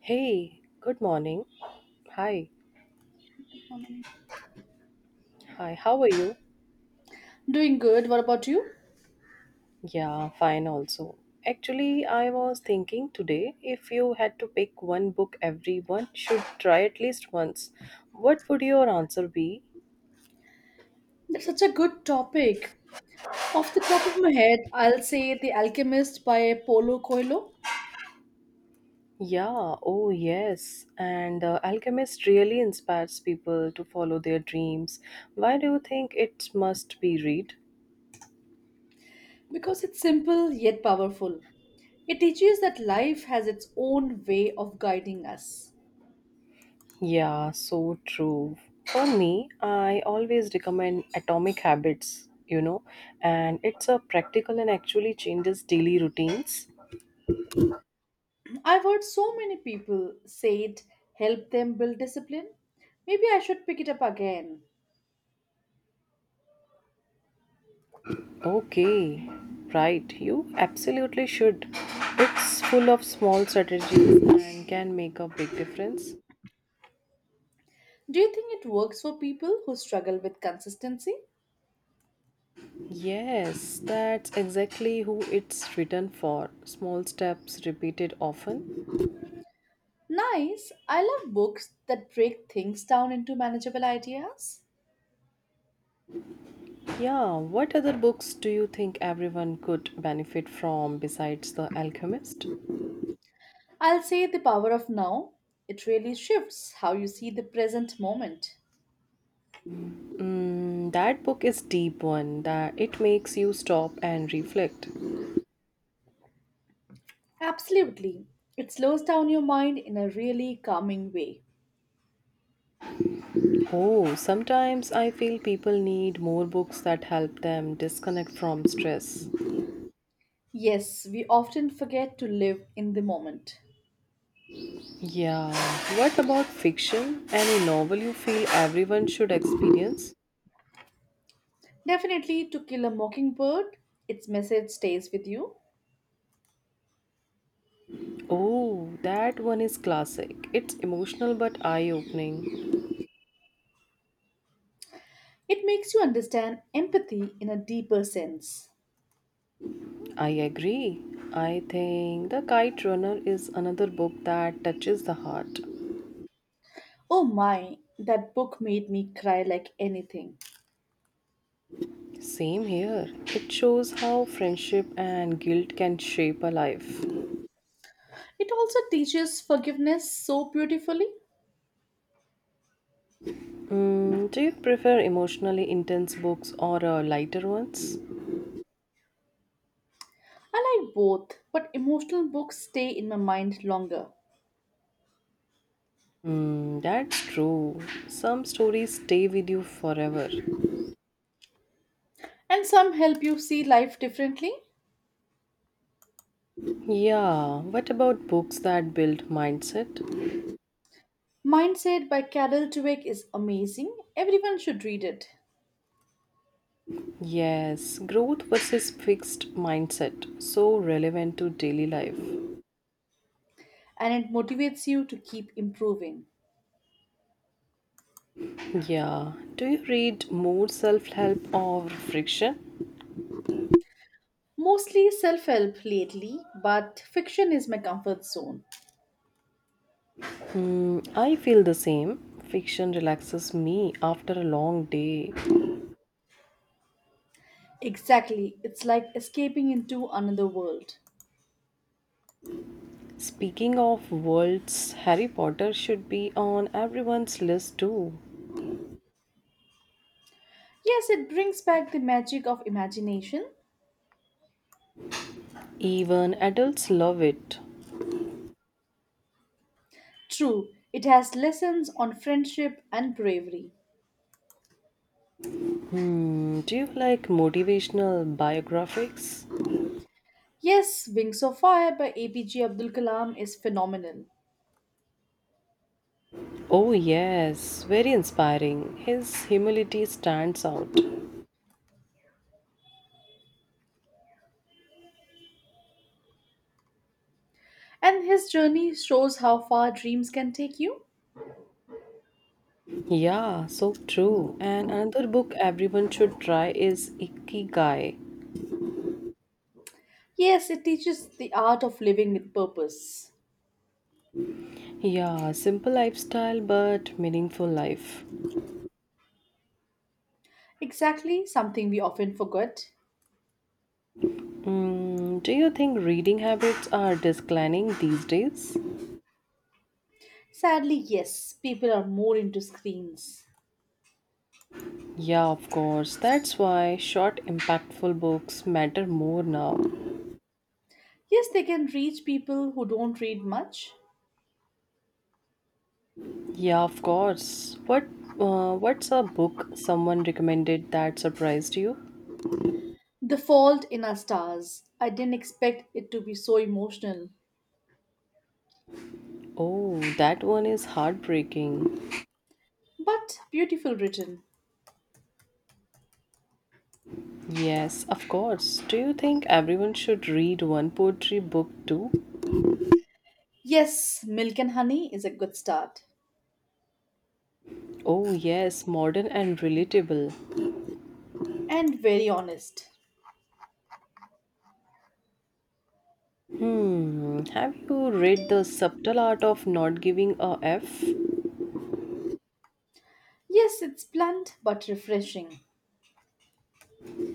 Hey, good morning. Hi, hi, how are you? Doing good. What about you? Yeah, fine also. Actually, I was thinking today if you had to pick one book everyone should try at least once, what would your answer be? That's such a good topic. Off the top of my head, I'll say The Alchemist by Paulo Coelho Yeah, oh yes. And The Alchemist really inspires people to follow their dreams. Why do you think it must be read? because it's simple yet powerful. It teaches that life has its own way of guiding us. Yeah, so true. For me, I always recommend Atomic Habits, and it's a practical and actually changes daily routines. I've heard so many people say it helped them build discipline. Maybe I should pick it up again. Okay, right. You absolutely should. It's full of small strategies and can make a big difference. Do you think it works for people who struggle with consistency? Yes, that's exactly who it's written for. Small steps repeated often. Nice. I love books that break things down into manageable ideas. Yeah, what other books do you think everyone could benefit from besides The Alchemist? I'll say the power of now. It really shifts how you see the present moment. Mm, that book is deep one that it makes you stop and reflect. Absolutely. It slows down your mind in a really calming way. Oh, sometimes I feel people need more books that help them disconnect from stress. Yes, we often forget to live in the moment. Yeah. What about fiction? Any novel you feel everyone should experience? Definitely, To Kill a Mockingbird, its message stays with you. Oh, that one is classic. It's emotional but eye-opening. It makes you understand empathy in a deeper sense. I agree. I think The Kite Runner is another book that touches the heart. Oh my, that book made me cry like anything. Same here. It shows how friendship and guilt can shape a life. It also teaches forgiveness so beautifully. Mm, do you prefer emotionally intense books or lighter ones? I like both, but emotional books stay in my mind longer. Mm, that's true. Some stories stay with you forever. And some help you see life differently. Yeah, what about books that build mindset? Mindset by Carol Dweck is amazing. Everyone should read it. Yes, growth versus fixed mindset. So relevant to daily life. And it motivates you to keep improving. Yeah, do you read more self help or friction? Mostly self help lately, but fiction is my comfort zone. Mm, I feel the same. Fiction relaxes me after a long day. Exactly, it's like escaping into another world. Speaking of worlds, Harry Potter should be on everyone's list too. Yes, it brings back the magic of imagination. Even adults love it. True, it has lessons on friendship and bravery. Hmm, do you like motivational biographics? Yes, Wings of Fire by APJ Abdul Kalam is phenomenal. Oh, yes, very inspiring. His humility stands out. And his journey shows how far dreams can take you. Yeah, so true. And another book everyone should try is Ikigai. Yes, it teaches the art of living with purpose. Yeah, simple lifestyle but meaningful life. Exactly, something we often forget. Mm, do you think reading habits are declining these days? Sadly, yes, people are more into screens. Yeah, of course. That's why short, impactful books matter more now. Yes, they can reach people who don't read much. Yeah, of course. What what's a book someone recommended that surprised you? The Fault in Our Stars. I didn't expect it to be so emotional, Oh, that one is heartbreaking. but beautiful written. Yes, of course. Do you think everyone should read one poetry book too? Yes, Milk and Honey is a good start Oh, yes, modern and relatable. and very honest. Hmm, have you read The Subtle Art of Not Giving a F? Yes, it's blunt but refreshing,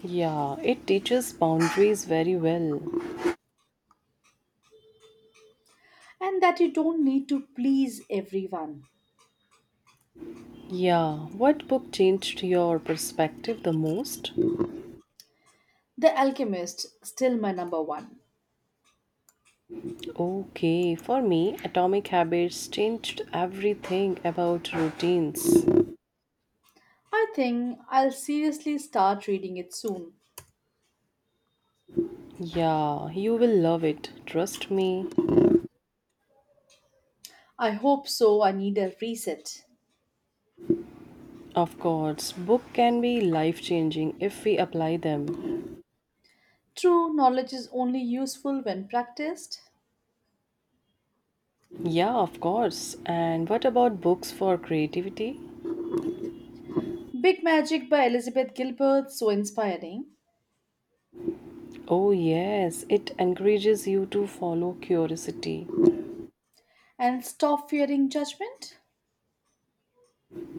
Yeah, it teaches boundaries very well. and that you don't need to please everyone. Yeah, what book changed your perspective the most? The Alchemist, still my number one. Okay, for me, Atomic Habits changed everything about routines. I think I'll seriously start reading it soon. Yeah, you will love it, trust me. I hope so, I need a reset. Of course, book can be life changing if we apply them. True knowledge is only useful when practiced. Yeah, of course. And what about books for creativity? Big Magic by Elizabeth Gilbert, so inspiring. Oh, yes, it encourages you to follow curiosity. And Stop Fearing Judgment.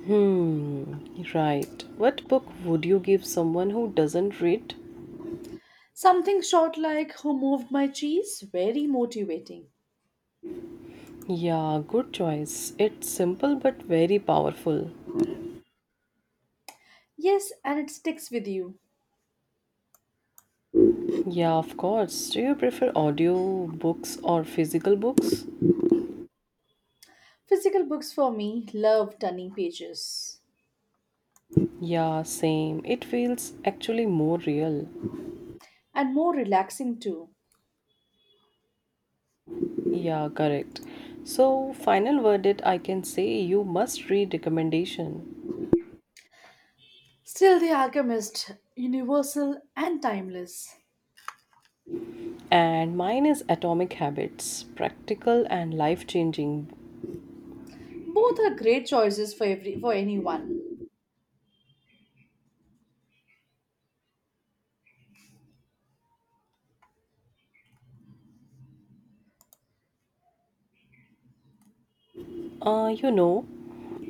Hmm, right. What book would you give someone who doesn't read? Something short like Who Moved My Cheese, very motivating. Yeah, good choice. It's simple but very powerful. Yes, and it sticks with you. Yeah, of course. Do you prefer audio books or physical books? Physical books for me love turning pages Yeah, same. It feels actually more real. and more relaxing too. Yeah, correct. So, final verdict I can say you must read recommendation. Still, The Alchemist, universal and timeless. And mine is Atomic Habits, practical and life changing. Both are great choices for every for anyone. Uh, you know,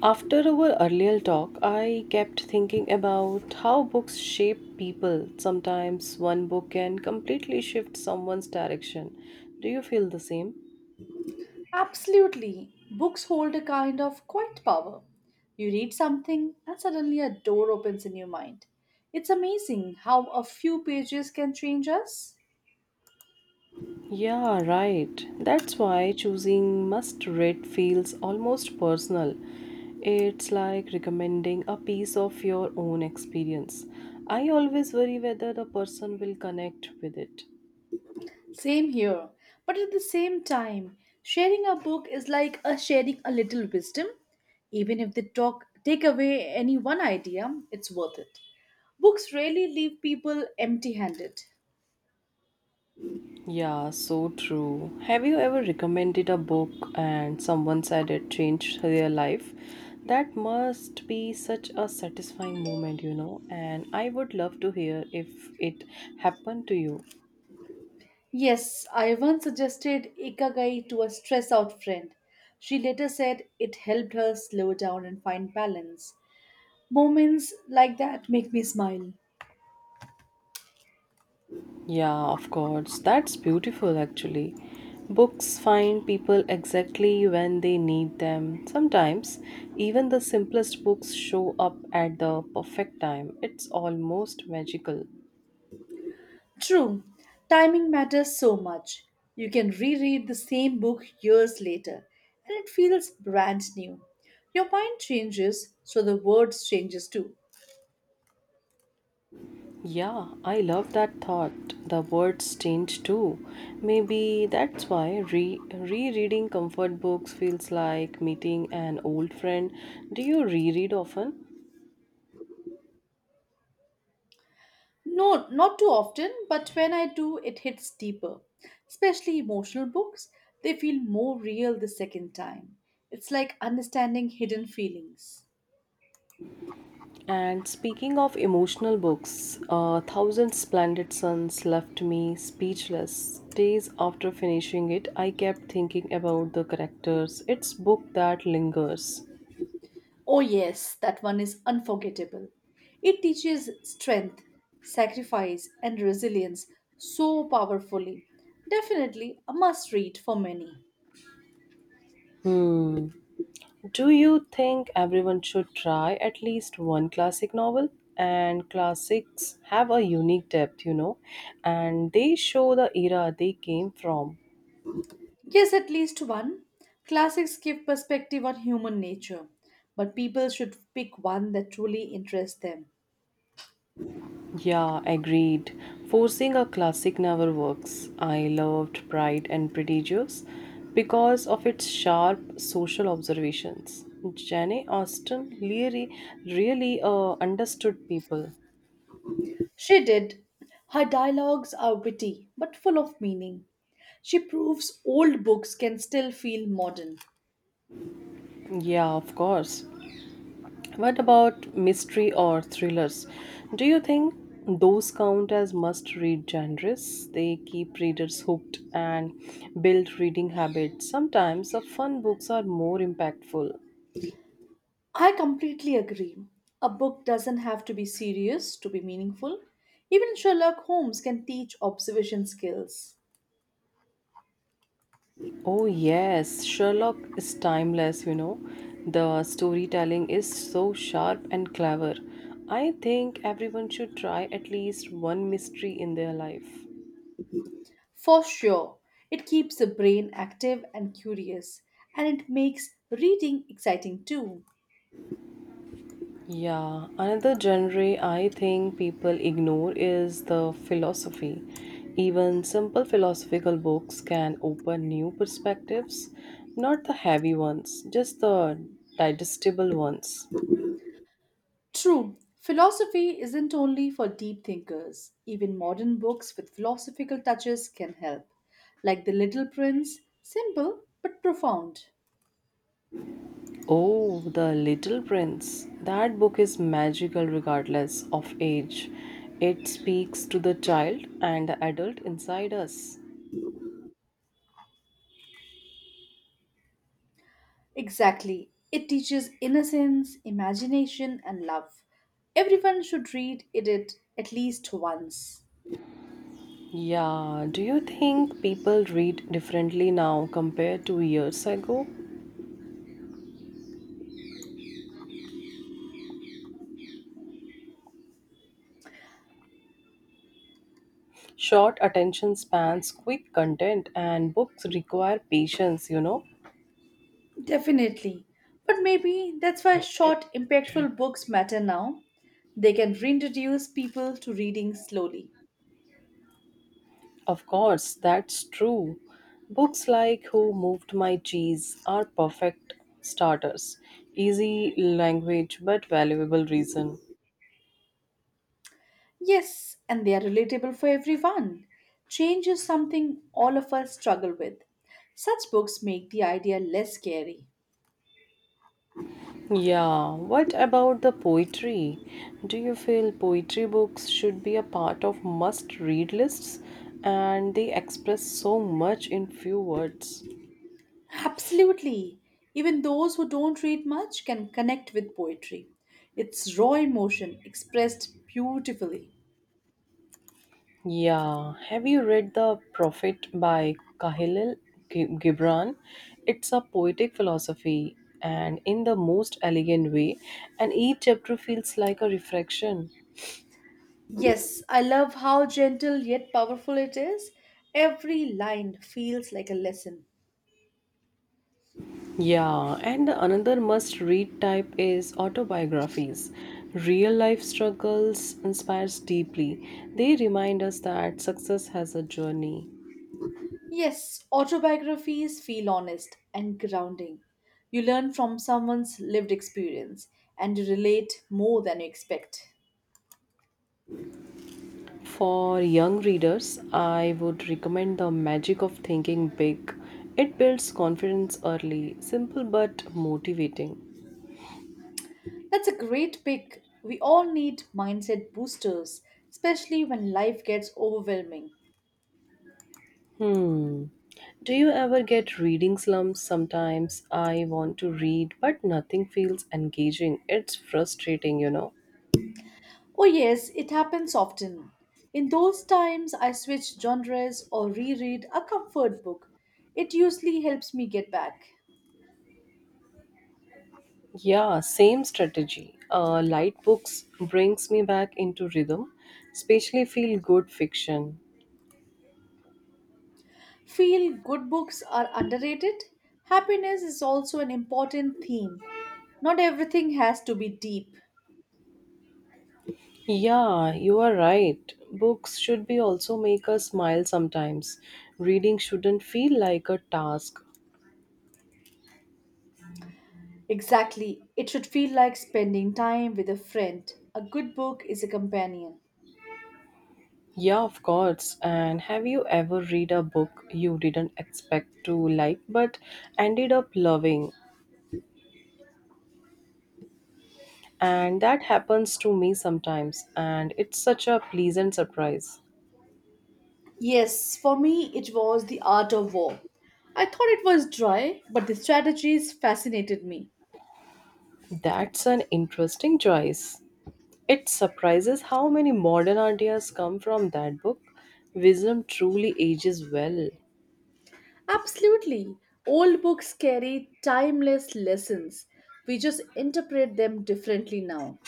After our earlier talk, I kept thinking about how books shape people. Sometimes one book can completely shift someone's direction. Do you feel the same? Absolutely, books hold a kind of quiet power. You read something and suddenly a door opens in your mind. It's amazing how a few pages can change us. Yeah, right. That's why choosing must read feels almost personal. It's like recommending a piece of your own experience. I always worry whether the person will connect with it. Same here. But at the same time, sharing a book is like a sharing a little wisdom. Even if they talk take away any one idea, it's worth it. Books rarely leave people empty handed. Yeah, so true. Have you ever recommended a book and someone said it changed their life? That must be such a satisfying moment, you know. And I would love to hear if it happened to you. Yes, I once suggested Ikigai to a stress out friend. She later said it helped her slow down and find balance. Moments like that make me smile. Yeah, of course. That's beautiful, actually. Books find people exactly when they need them. Sometimes, even the simplest books show up at the perfect time. It's almost magical. True, timing matters so much. You can reread the same book years later and it feels brand new. Your mind changes, so the words changes too. Yeah, I love that thought. The words change too. Maybe that's why rereading comfort books feels like meeting an old friend. Do you reread often? No, not too often, but when I do, it hits deeper. Especially emotional books, they feel more real the second time. It's like understanding hidden feelings. And speaking of emotional books, Thousand Splendid Suns left me speechless. Days after finishing it, I kept thinking about the characters. It's book that lingers. Oh, yes, that one is unforgettable. It teaches strength, sacrifice, and resilience so powerfully. Definitely a must read for many. Hmm. Do you think everyone should try at least one classic novel? And classics have a unique depth, and they show the era they came from. Yes, at least one. Classics give perspective on human nature, but people should pick one that truly interests them. Yeah, agreed. Forcing a classic never works. I loved Pride and Prejudice because of its sharp social observations. Jane Austen really understood people. She did. Her dialogues are witty but full of meaning. She proves old books can still feel modern. Yeah, of course. What about mystery or thrillers? Do you think those count as must read genres? They keep readers hooked and build reading habits. Sometimes the fun books are more impactful. I completely agree. A book doesn't have to be serious to be meaningful. Even Sherlock Holmes can teach observation skills. Oh, yes, Sherlock is timeless. The storytelling is so sharp and clever. I think everyone should try at least one mystery in their life. For sure, it keeps the brain active and curious, and it makes reading exciting too. Yeah, another genre I think people ignore is the philosophy. Even simple philosophical books can open new perspectives, not the heavy ones, just the digestible ones. True, philosophy isn't only for deep thinkers. Even modern books with philosophical touches can help, like The Little Prince, simple but profound. Oh, The Little Prince. That book is magical regardless of age. It speaks to the child and the adult inside us. Exactly. It teaches innocence, imagination, and love. Everyone should read it at least once. Yeah, do you think people read differently now compared to years ago? Short attention spans, quick content, and books require patience, you know? Definitely. But maybe that's why short, impactful books matter now. They can reintroduce people to reading slowly. Of course, that's true. Books like Who Moved My Cheese are perfect starters. Easy language, but valuable reason. Yes, and they are relatable for everyone. Change is something all of us struggle with. Such books make the idea less scary. Yeah, what about the poetry? Do you feel poetry books should be a part of must read lists? And they express so much in few words. Absolutely. Even those who don't read much can connect with poetry. It's raw emotion expressed beautifully. Yeah, have you read The Prophet by Kahilil Gibran? It's a poetic philosophy and in the most elegant way, and each chapter feels like a reflection. Yes, I love how gentle yet powerful it is. Every line feels like a lesson. Yeah, and the another must read type is autobiographies. Real life struggles inspires deeply. They remind us that success has a journey. Yes, autobiographies feel honest and grounding. You learn from someone's lived experience and you relate more than you expect. For young readers, I would recommend The Magic of Thinking Big. It builds confidence early, simple but motivating. That's a great pick. We all need mindset boosters, especially when life gets overwhelming. Hmm. Do you ever get reading slumps? Sometimes I want to read, but nothing feels engaging. It's frustrating, you know. Oh, yes, it happens often. In those times, I switch genres or reread a comfort book. It usually helps me get back. Yeah, same strategy. Light books brings me back into rhythm, especially feel good fiction. Feel good books are underrated. Happiness is also an important theme. Not everything has to be deep. Yeah, you are right. Books should be also make us smile sometimes. Reading shouldn't feel like a task. Exactly, it should feel like spending time with a friend. A good book is a companion. Yeah, of course. And have you ever read a book you didn't expect to like but ended up loving? And that happens to me sometimes, and it's such a pleasant surprise. Yes, for me, it was The Art of War. I thought it was dry, but the strategies fascinated me. That's an interesting choice. It surprises how many modern ideas come from that book. Wisdom truly ages well. Absolutely. Old books carry timeless lessons. We just interpret them differently now.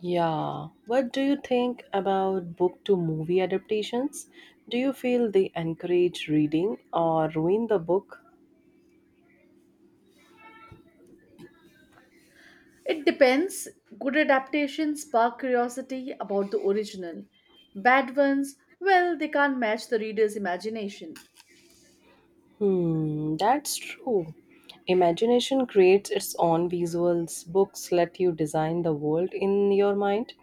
Yeah. What do you think about book to movie adaptations? Do you feel they encourage reading or ruin the book? It depends. Good adaptations spark curiosity about the original. Bad ones, well, they can't match the reader's imagination. Hmm, that's true. Imagination creates its own visuals. Books let you design the world in your mind.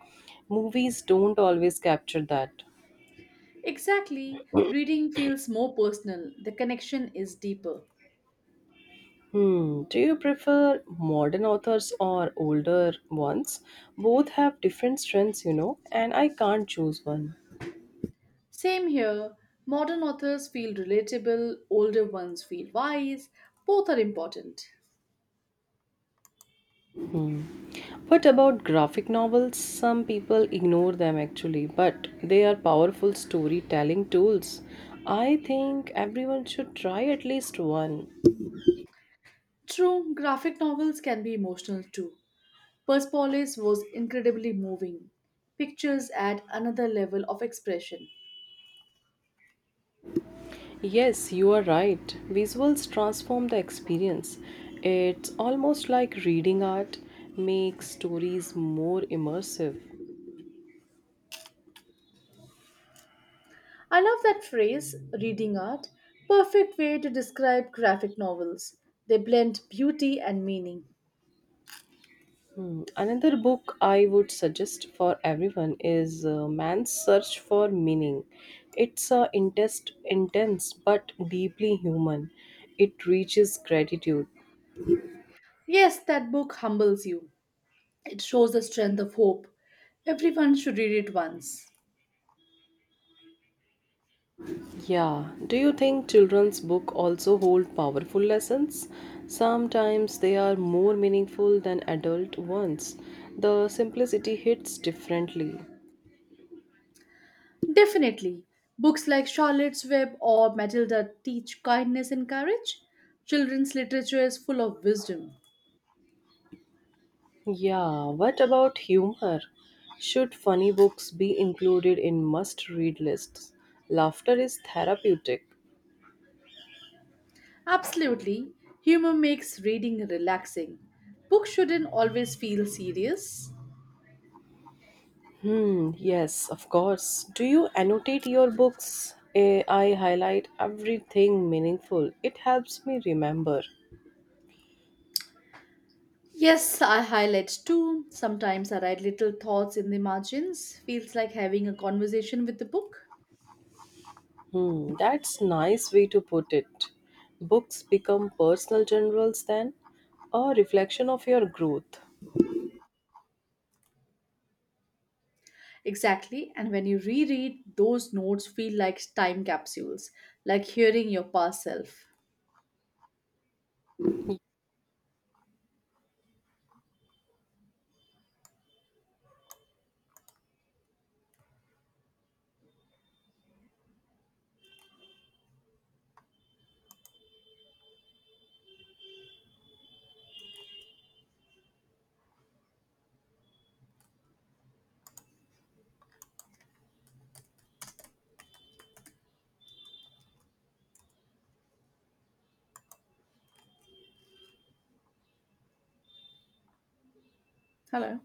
Movies don't always capture that. Exactly. Reading feels more personal, the connection is deeper. Hmm, do you prefer modern authors or older ones? Both have different strengths, and I can't choose one. Same here. Modern authors feel relatable, older ones feel wise. Both are important. What about graphic novels? Some people ignore them actually, but they are powerful storytelling tools. I think everyone should try at least one. True, graphic novels can be emotional too. Persepolis was incredibly moving. Pictures add another level of expression. Yes, you are right. Visuals transform the experience. It's almost like reading art makes stories more immersive. I love that phrase, reading art, perfect way to describe graphic novels. They blend beauty and meaning. Hmm, another book I would suggest for everyone is Man's Search for Meaning. It's a intense but deeply human. It reaches gratitude. Yes, that book humbles you. It shows the strength of hope. Everyone should read it once. Yeah, do you think children's book also hold powerful lessons? Sometimes they are more meaningful than adult ones. The simplicity hits differently. Definitely. Books like Charlotte's Web or Matilda teach kindness and courage. Children's literature is full of wisdom. Yeah, what about humor? Should funny books be included in must read lists? Laughter is therapeutic. Absolutely. Humor makes reading relaxing. Books shouldn't always feel serious. Hmm, yes, of course. Do you annotate your books? Eh, I highlight everything meaningful. It helps me remember. Yes, I highlight too. Sometimes I write little thoughts in the margins. Feels like having a conversation with the book. Hmm, that's nice way to put it. Books become personal journals then, a reflection of your growth. Exactly, and when you reread, those notes feel like time capsules, like hearing your past self. Hello.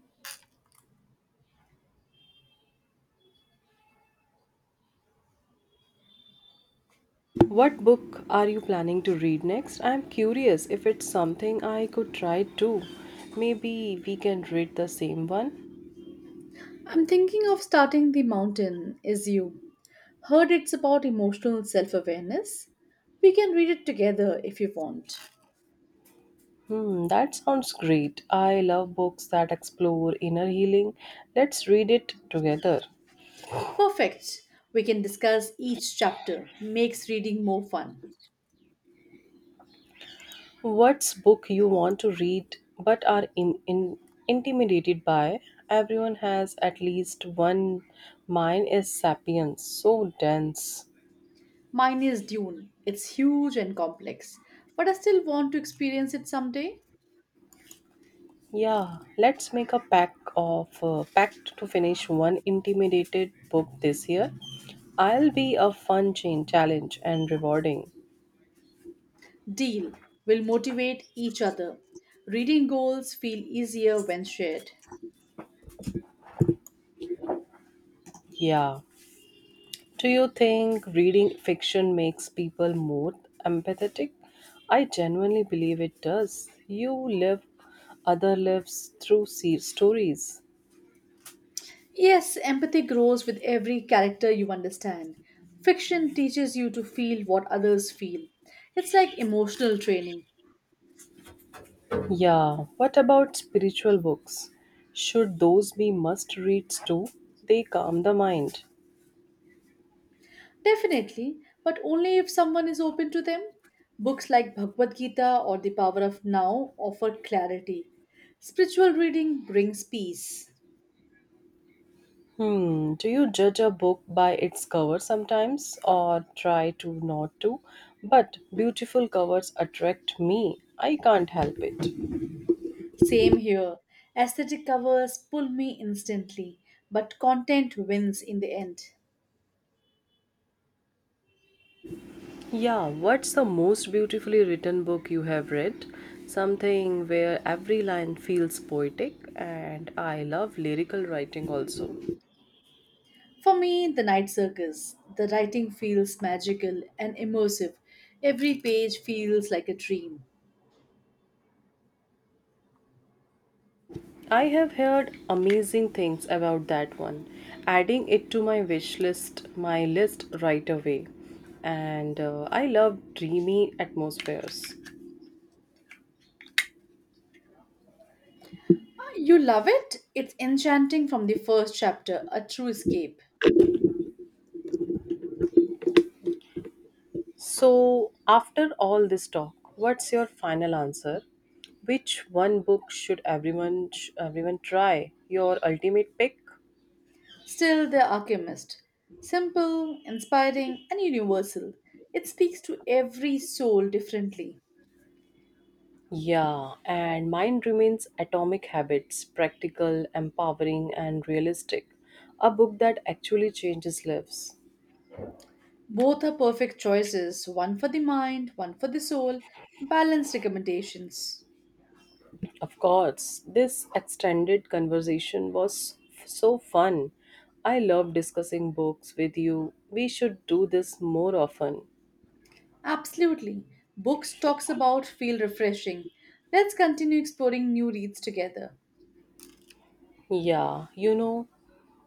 What book are you planning to read next? I'm curious if it's something I could try too. Maybe we can read the same one. I'm thinking of starting The Mountain Is You. Heard it's about emotional self awareness. We can read it together if you want. Hmm, that sounds great. I love books that explore inner healing. Let's read it together. Perfect. We can discuss each chapter. Makes reading more fun. What's book you want to read but are in intimidated by? Everyone has at least one. Mine is Sapiens, so dense. Mine is Dune. It's huge and complex, but I still want to experience it someday. Yeah, let's make a pack of pact to finish one intimidated book this year. I'll be a fun chain challenge and rewarding. Deal. We'll motivate each other. Reading goals feel easier when shared. Yeah. Do you think reading fiction makes people more empathetic? I genuinely believe it does. You live other lives through stories. Yes, empathy grows with every character you understand. Fiction teaches you to feel what others feel. It's like emotional training. Yeah. What about spiritual books? Should those be must reads too? They calm the mind. Definitely, but only if someone is open to them. Books like Bhagavad Gita or The Power of Now offer clarity. Spiritual reading brings peace. Hmm. Do you judge a book by its cover sometimes or try to not to? But beautiful covers attract me. I can't help it. Same here. Aesthetic covers pull me instantly, but content wins in the end. Yeah, what's the most beautifully written book you have read? Something where every line feels poetic, and I love lyrical writing also. For me, The Night Circus. The writing feels magical and immersive. Every page feels like a dream. I have heard amazing things about that one. Adding it to my list right away. And I love dreamy atmospheres. You love it? It's enchanting from the first chapter, a true escape. So, after all this talk, what's your final answer? Which one book should everyone try? Your ultimate pick? Still, The Alchemist. Simple, inspiring, and universal. It speaks to every soul differently. Yeah, and mine remains Atomic Habits, practical, empowering, and realistic. A book that actually changes lives. Both are perfect choices one for the mind, one for the soul, balanced recommendations. Of course, this extended conversation was so fun. I love discussing books with you. We should do this more often. Absolutely. Books talks about feel refreshing. Let's continue exploring new reads together. Yeah, you know,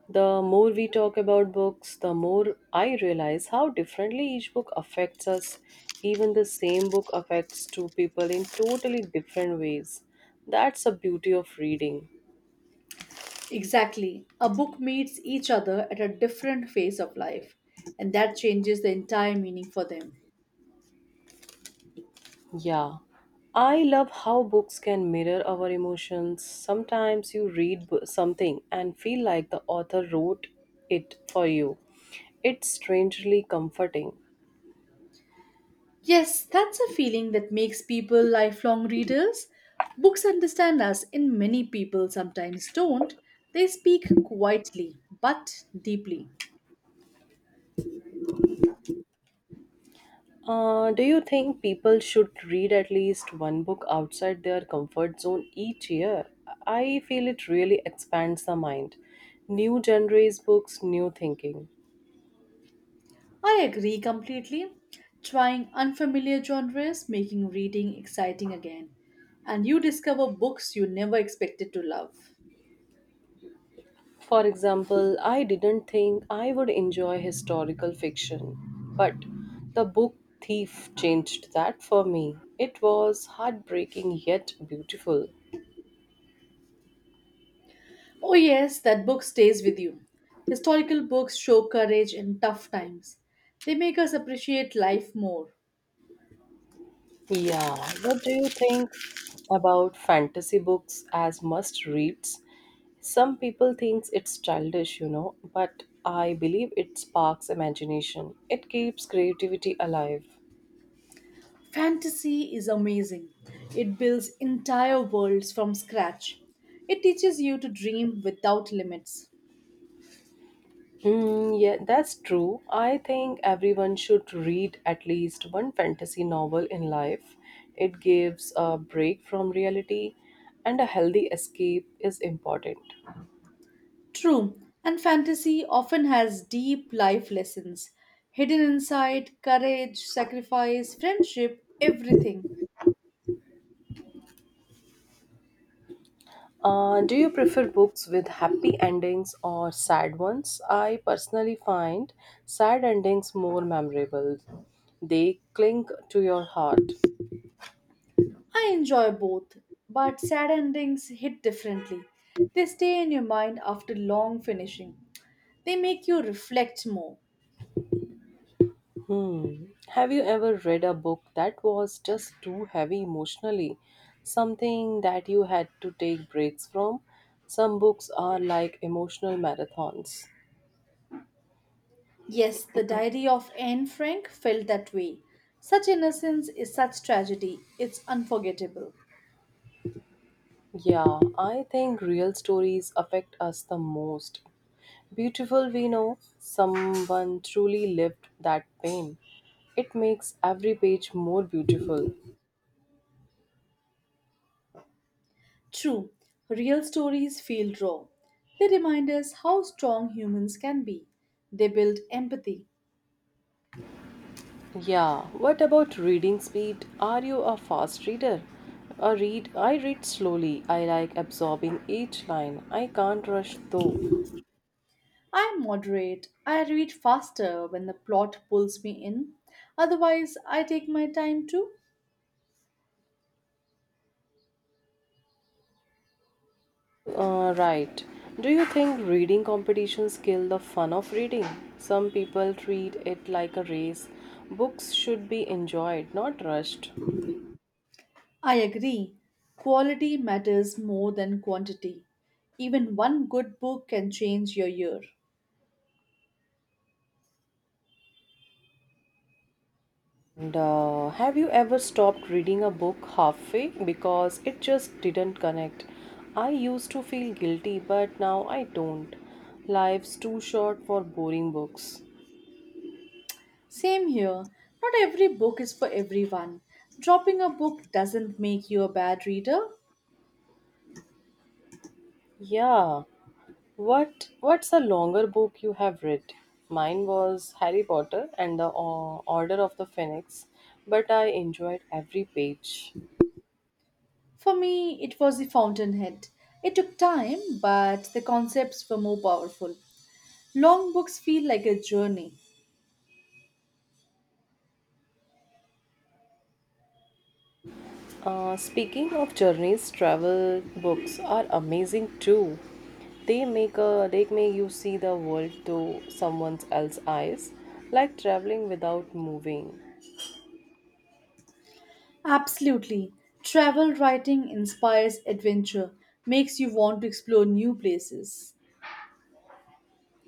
the more we talk about books, the more I realize how differently each book affects us. Even the same book affects two people in totally different ways. That's the beauty of reading. Exactly. A book meets each other at a different phase of life, and that changes the entire meaning for them. Yeah. I love how books can mirror our emotions. Sometimes you read something and feel like the author wrote it for you. It's strangely comforting. Yes, that's a feeling that makes people lifelong readers. Books understand us, and many people sometimes don't. They speak quietly but deeply. Do you think people should read at least one book outside their comfort zone each year? I feel it really expands the mind. New genres, books, new thinking. I agree completely. Trying unfamiliar genres, making reading exciting again. And you discover books you never expected to love. For example, I didn't think I would enjoy historical fiction, but the book Thief changed that for me. It was heartbreaking yet beautiful. Oh, yes, that book stays with you. Historical books show courage in tough times. They make us appreciate life more. Yeah, what do you think about fantasy books as must reads? Some people think it's childish, you know, but I believe it sparks imagination. It keeps creativity alive. Fantasy is amazing. It builds entire worlds from scratch. It teaches you to dream without limits. Yeah, that's true. I think everyone should read at least one fantasy novel in life. It gives a break from reality, and a healthy escape is important. True, and fantasy often has deep life lessons hidden inside: courage, sacrifice, friendship, everything. Do you prefer books with happy endings or sad ones? I personally find sad endings more memorable, they cling to your heart. I enjoy both, but sad endings hit differently. They stay in your mind after long finishing. They make you reflect more. Hmm. Have you ever read a book that was just too heavy emotionally? Something that you had to take breaks from? Some books are like emotional marathons. Yes, the diary of Anne Frank felt that way. Such innocence is such tragedy. It's unforgettable. Yeah, I think real stories affect us the most. Beautiful, we know someone truly lived that pain. It makes every page more beautiful. True, real stories feel raw. They remind us how strong humans can be. They build empathy. Yeah, what about reading speed? Are you a fast reader? A read I read slowly. I like absorbing each line. I can't rush through. I moderate. I read faster when the plot pulls me in. Otherwise, I take my time too. Right. Do you think reading competitions kill the fun of reading? Some people treat it like a race. Books should be enjoyed, not rushed. I agree. Quality matters more than quantity. Even one good book can change your year. And have you ever stopped reading a book halfway because it just didn't connect? I used to feel guilty, but now I don't. Life's too short for boring books. Same here. Not every book is for everyone. Dropping a book doesn't make you a bad reader. Yeah. What's a longer book you have read? Mine was Harry Potter and the Order of the Phoenix, but I enjoyed every page. For me, it was The Fountainhead. It took time, but the concepts were more powerful. Long books feel like a journey. Speaking of journeys, travel books are amazing too. They make you see the world through someone else's eyes, like traveling without moving. Absolutely. Travel writing inspires adventure, makes you want to explore new places.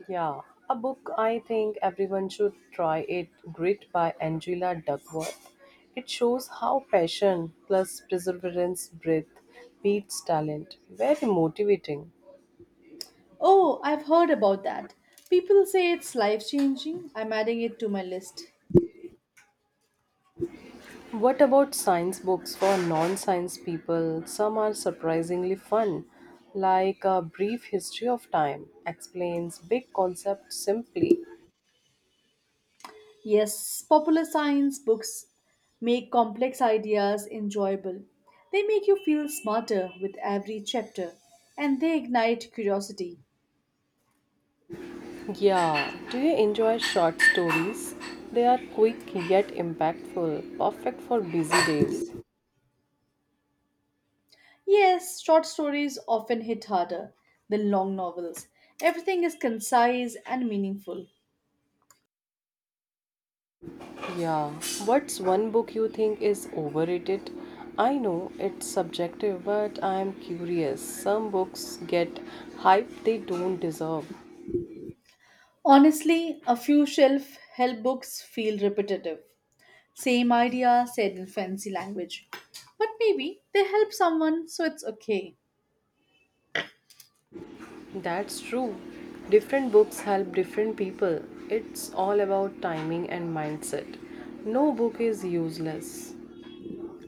Yeah, a book I think everyone should try it. Grit by Angela Duckworth. It shows how passion plus perseverance, breath beats talent. Very motivating. Oh, I've heard about that. People say it's life changing. I'm adding it to my list. What about science books for non science people? Some are surprisingly fun, like A Brief History of Time explains big concepts simply. Yes, popular science books make complex ideas enjoyable. They make you feel smarter with every chapter and they ignite curiosity. Yeah, do you enjoy short stories? They are quick yet impactful, perfect for busy days. Yes, short stories often hit harder than long novels. Everything is concise and meaningful. Yeah, what's one book you think is overrated? I know it's subjective, but I'm curious. Some books get hype they don't deserve. Honestly, a few shelf help books feel repetitive. Same idea said in fancy language. But maybe they help someone, so it's okay. That's true. Different books help different people. It's all about timing and mindset. No book is useless.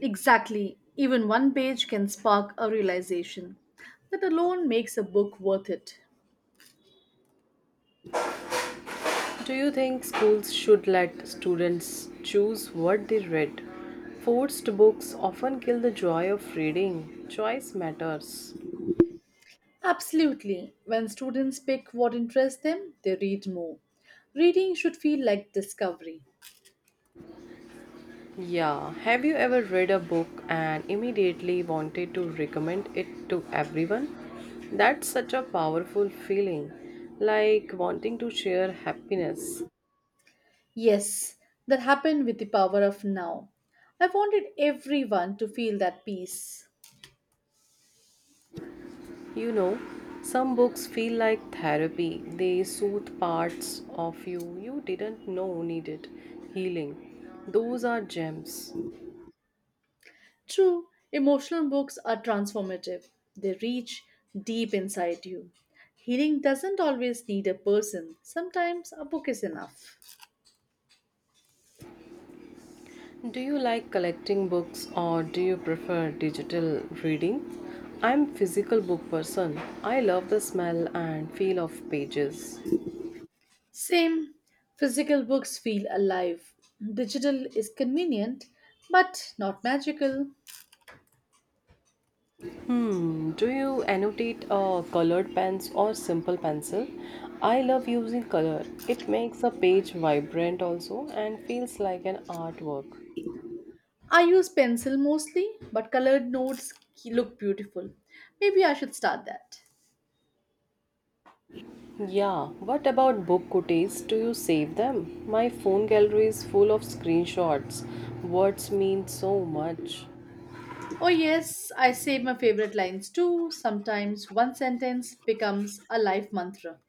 Exactly. Even one page can spark a realization. That alone makes a book worth it. Do you think schools should let students choose what they read? Forced books often kill the joy of reading. Choice matters. Absolutely. When students pick what interests them, they read more. Reading should feel like discovery. Yeah, have you ever read a book and immediately wanted to recommend it to everyone? That's such a powerful feeling, like wanting to share happiness. Yes, that happened with the power of now. I wanted everyone to feel that peace. You know, some books feel like therapy. They soothe parts of you you didn't know needed healing. Those are gems. True, emotional books are transformative. They reach deep inside you. Healing doesn't always need a person. Sometimes a book is enough. Do you like collecting books or do you prefer digital reading? I'm physical book person. I love the smell and feel of pages. Same, physical books feel alive. Digital is convenient, but not magical. Hmm, do you annotate colored pens or simple pencil? I love using color. It makes a page vibrant also and feels like an artwork. I use pencil mostly, but colored notes look beautiful. Maybe I should start that. Yeah, what about book cooties? Do you save them? My phone gallery is full of screenshots. Words mean so much. Oh, yes, I save my favorite lines too. Sometimes one sentence becomes a life mantra.